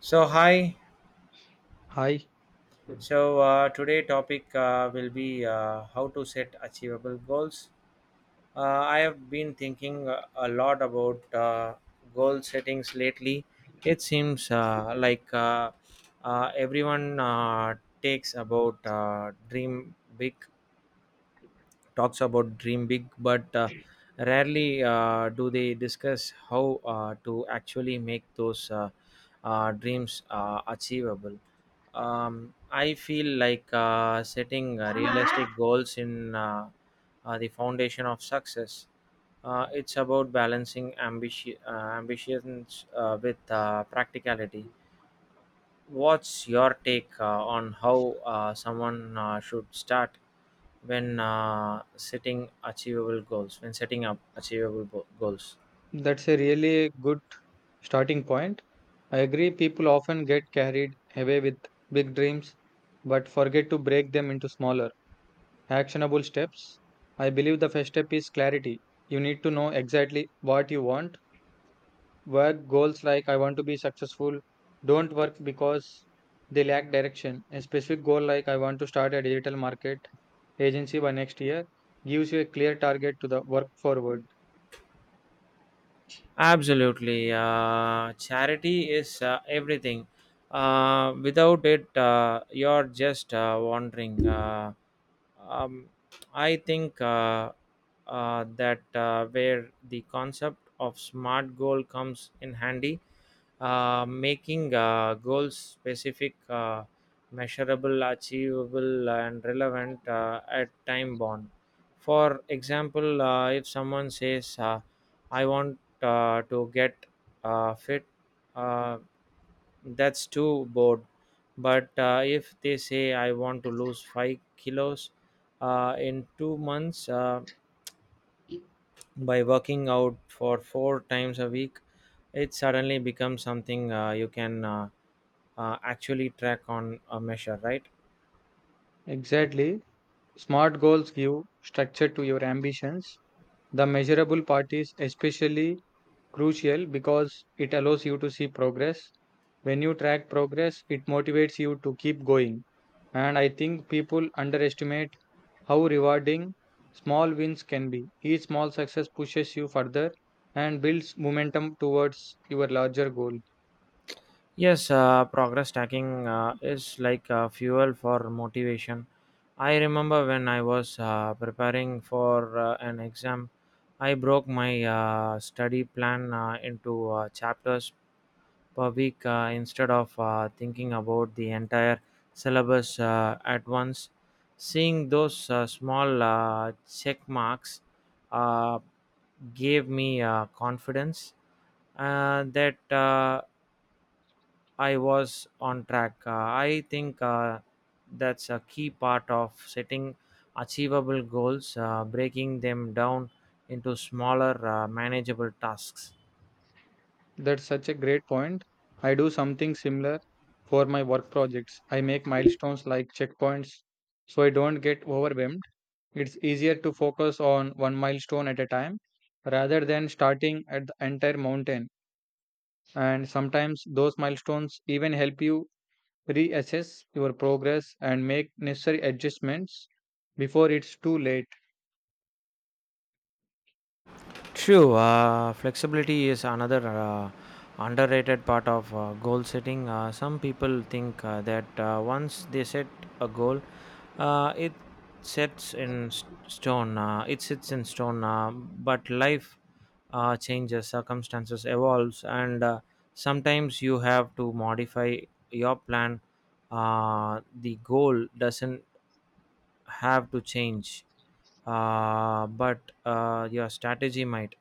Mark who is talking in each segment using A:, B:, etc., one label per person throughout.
A: So hi.
B: Hi,
A: So today topic will be how to set achievable goals. Uh, I have been thinking a lot about goal settings lately. It seems like everyone takes about dream big, talks about dream big, but rarely do they discuss how to actually make those dreams achievable. I feel like setting realistic goals in the foundation of success. It's about balancing ambitions with practicality. What's your take on how someone should start when setting achievable goals? When setting up achievable goals?
B: that's a really good starting point. I agree, people often get carried away with big dreams but forget to break them into smaller, actionable steps. I believe the first step is clarity. You need to know exactly what you want. Work goals like I want to be successful don't work because they lack direction. A specific goal like I want to start a digital market agency by next year gives you a clear target to the work forward.
A: Absolutely. Charity is everything. Without it, you're just wandering. Um, I think that where the concept of smart goal comes in handy, making goals specific, measurable, achievable, and relevant at time bound. For example, if someone says, I want to get fit, uh, that's too bored. But if they say, I want to lose 5 kilos in 2 months by working out for 4 times a week, it suddenly becomes something you can. Actually track on a measure, right?
B: Exactly. Smart goals give structure to your ambitions. The measurable part is especially crucial because it allows you to see progress. When you track progress, it motivates you to keep going. And I think people underestimate how rewarding small wins can be. Each small success pushes you further and builds momentum towards your larger goal.
A: Yes, progress tracking is like fuel for motivation. I remember when I was preparing for an exam. I broke my study plan into chapters per week instead of thinking about the entire syllabus at once. Seeing those small check marks uh, gave me confidence that I was on track. I think that's a key part of setting achievable goals, breaking them down into smaller, manageable tasks.
B: That's such a great point. I do something similar for my work projects. I make milestones like checkpoints so I don't get overwhelmed. It's easier to focus on one milestone at a time rather than starting at the entire mountain. And sometimes those milestones even help you reassess your progress and make necessary adjustments before it's too late.
A: True, flexibility is another underrated part of goal setting. Some people think that once they set a goal, it sets in stone. It sits in stone, but life changes, circumstances evolves, and sometimes you have to modify your plan. The goal doesn't have to change, but your strategy might.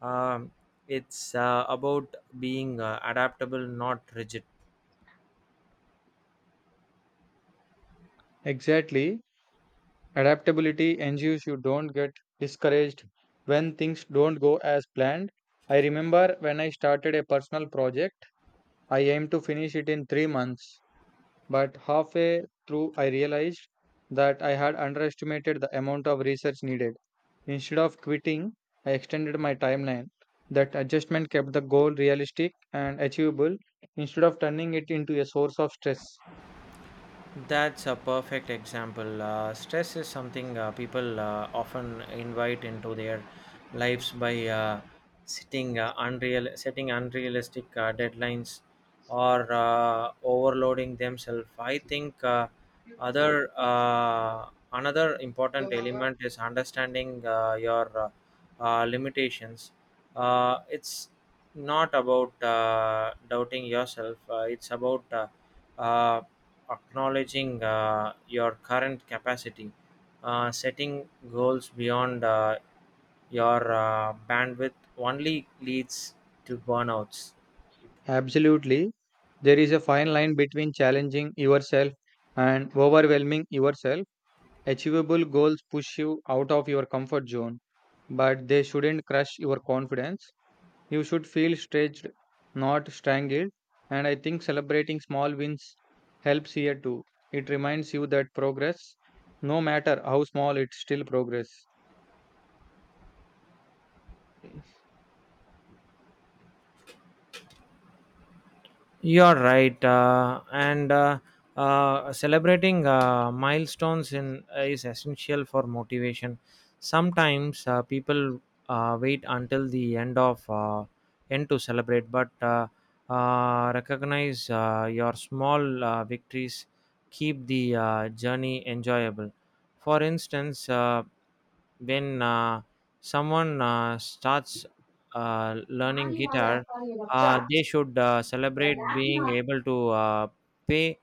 A: Um, it's about being adaptable, not rigid.
B: Exactly. Adaptability ensures you don't get discouraged when things don't go as planned. I remember when I started a personal project, I aimed to finish it in 3 months, but halfway through I realized that I had underestimated the amount of research needed. Instead of quitting, I extended my timeline. That adjustment kept the goal realistic and achievable instead of turning it into a source of stress.
A: That's a perfect example. Stress is something people often invite into their lives by setting unrealistic deadlines, or overloading themselves. I think other another important element is understanding your limitations. It's not about doubting yourself. It's about uh, acknowledging your current capacity. Setting goals beyond your bandwidth only leads to burnouts.
B: Absolutely. There is a fine line between challenging yourself and overwhelming yourself. Achievable goals push you out of your comfort zone, but they shouldn't crush your confidence. You should feel stretched, not strangled. And I think celebrating small wins helps here too. It reminds you that progress, no matter how small, it's still progress.
A: You're right, and celebrating milestones in is essential for motivation. Sometimes people wait until the end of end to celebrate, but recognize your small victories. Keep the journey enjoyable. For instance, when someone starts learning guitar, they should celebrate being able to pay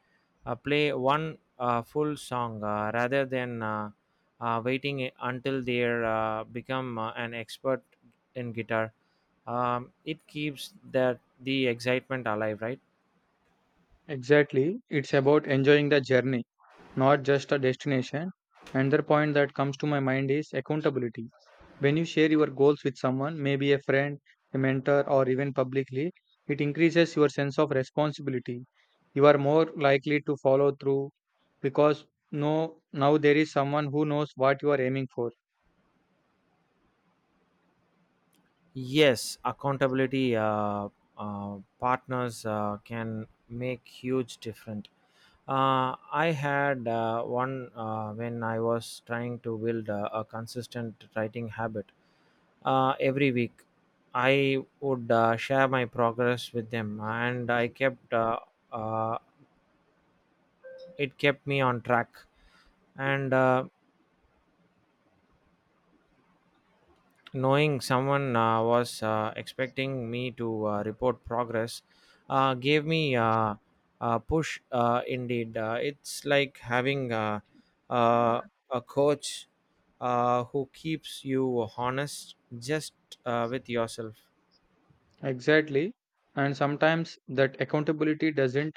A: play one full song rather than waiting until they are become an expert in guitar. It keeps that the excitement alive, right?
B: Exactly. It's about enjoying the journey, not just a destination. Another point that comes to my mind is accountability. When you share your goals with someone, maybe a friend, a mentor, or even publicly, it increases your sense of responsibility. You are more likely to follow through because no, now there is someone who knows what you are aiming for.
A: Yes, accountability partners can make huge difference. I had one when I was trying to build a consistent writing habit. Every week, I would share my progress with them, and I kept uh, it kept me on track. And knowing someone was expecting me to report progress gave me a push. Indeed, it's like having uh, a coach who keeps you honest just with yourself.
B: Exactly. And sometimes that accountability doesn't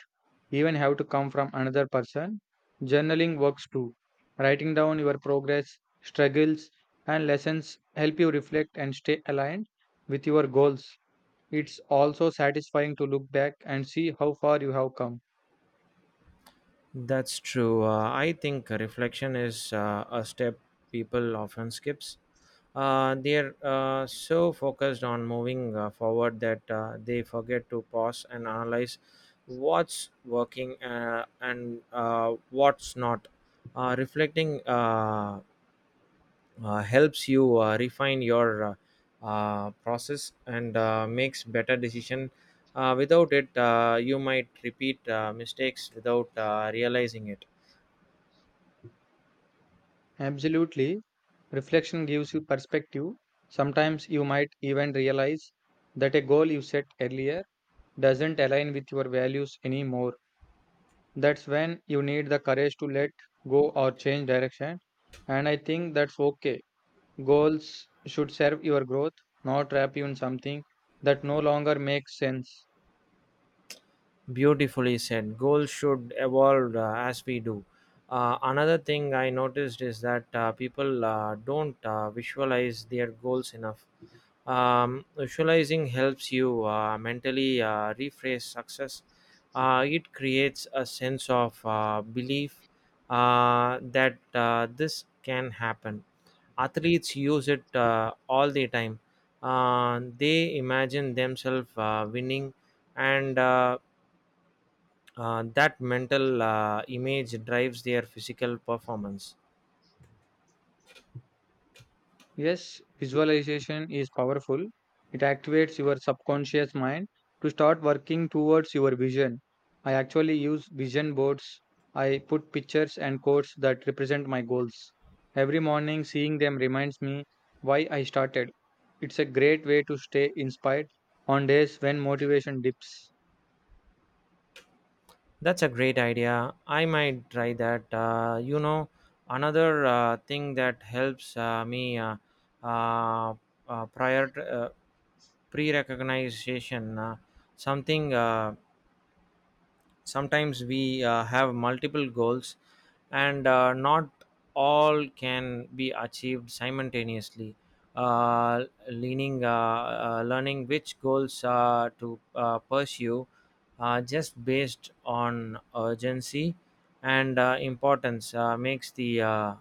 B: even have to come from another person. Journaling works too. Writing down your progress, struggles, and lessons help you reflect and stay aligned with your goals. It's also satisfying to look back and see how far you have come.
A: That's true. I think reflection is a step people often skips. They're so focused on moving forward that they forget to pause and analyze what's working and what's not. Reflecting helps you refine your process and makes better decision. Without it, you might repeat mistakes without realizing it.
B: Absolutely. Reflection gives you perspective. Sometimes you might even realize that a goal you set earlier doesn't align with your values anymore. That's when you need the courage to let go or change direction. And I think that's okay. Goals should serve your growth, not trap you in something that no longer makes sense.
A: Beautifully said. Goals should evolve as we do. Another thing I noticed is that people don't visualize their goals enough. Visualizing helps you mentally rephrase success. It creates a sense of belief that this can happen. Athletes use it all the time. They imagine themselves winning, and that mental image drives their physical performance.
B: Yes, visualization is powerful. It activates your subconscious mind to start working towards your vision. I actually use vision boards. I put pictures and quotes that represent my goals. Every morning, seeing them reminds me why I started. It's a great way to stay inspired on days when motivation dips.
A: That's a great idea. I might try that. Another thing that helps me uh, prior pre-recognition something. Sometimes we have multiple goals, and not all can be achieved simultaneously. Uh, leaning uh, uh, learning which goals to pursue just based on urgency and importance makes the uh,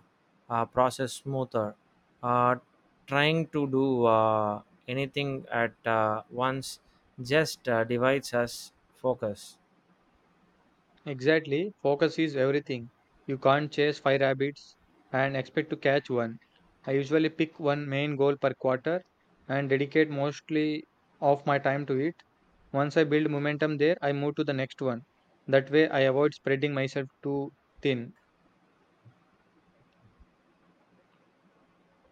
A: uh, process smoother. uh, Trying to do anything at once just divides us focus.
B: Exactly, focus is everything. You can't chase five rabbits and expect to catch one. I usually pick one main goal per quarter and dedicate mostly of my time to it. Once I build momentum there, I move to the next one. That way, I avoid spreading myself too thin.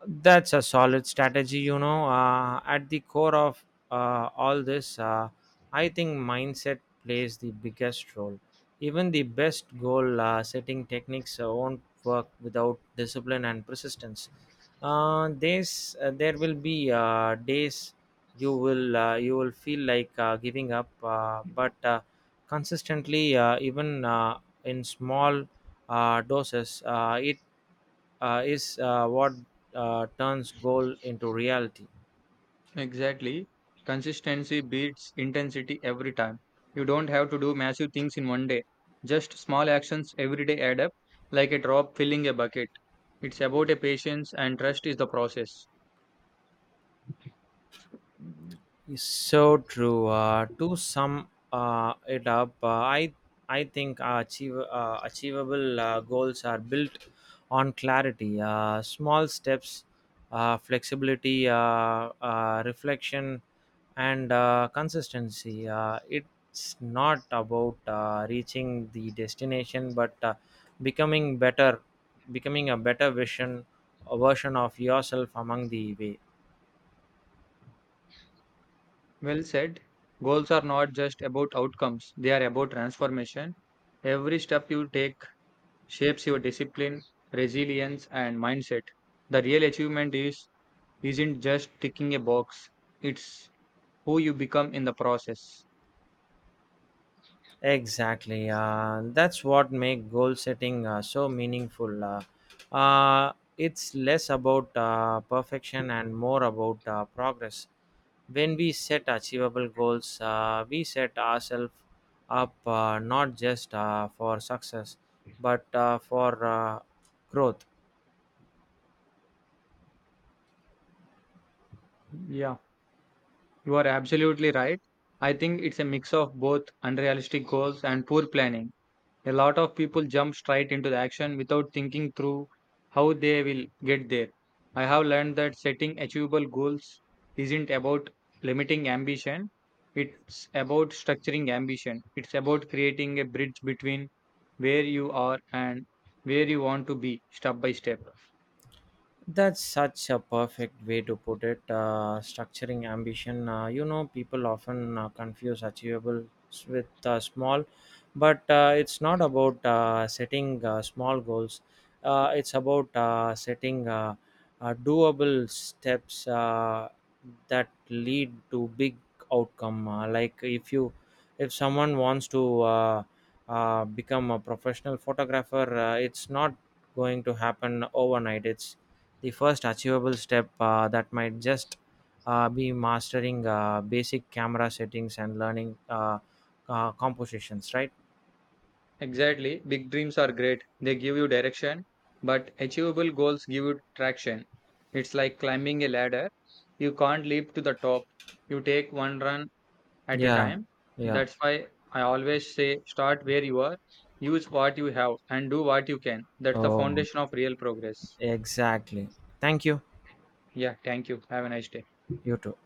A: That's a solid strategy. At the core of all this, I think mindset plays the biggest role. Even the best goal setting techniques won't work without discipline and persistence. There will be days you will feel like giving up, but consistently, even in small doses, it is what turns goal into reality.
B: Exactly. Consistency beats intensity every time. You don't have to do massive things in one day. Just small actions every day add up, like a drop filling a bucket. It's about a patience and trust is the process.
A: It's so true. To sum it up, I think achievable goals are built on clarity, small steps, flexibility, reflection, and consistency. It's not about reaching the destination, but becoming better, becoming a better vision, a version of yourself among the way.
B: Well said. Goals are not just about outcomes, they are about transformation. Every step you take shapes your discipline, resilience, and mindset. The real achievement is isn't just ticking a box, it's who you become in the process.
A: Exactly. That's what make goal setting so meaningful. It's less about perfection and more about progress. When we set achievable goals, we set ourselves up not just for success, but for growth.
B: Yeah. You are absolutely right. I think it's a mix of both unrealistic goals and poor planning. A lot of people jump straight into the action without thinking through how they will get there. I have learned that setting achievable goals isn't about limiting ambition, it's about structuring ambition. It's about creating a bridge between where you are and where you want to be, step by step.
A: That's such a perfect way to put it. Structuring ambition. People often confuse achievable with small, but it's not about setting small goals. It's about setting doable steps that lead to big outcome. Like if someone wants to become a professional photographer, it's not going to happen overnight. It's the first achievable step that might just be mastering basic camera settings and learning compositions, right?
B: Exactly. Big dreams are great. They give you direction, but achievable goals give you traction. It's like climbing a ladder. You can't leap to the top. You take one run at a
A: Yeah.
B: time.
A: Yeah.
B: That's why I always say start where you are, use what you have, and do what you can. That's the
A: Oh,
B: foundation of real progress.
A: exactly. Thank you.
B: Yeah, thank you. Have a nice day.
A: You too.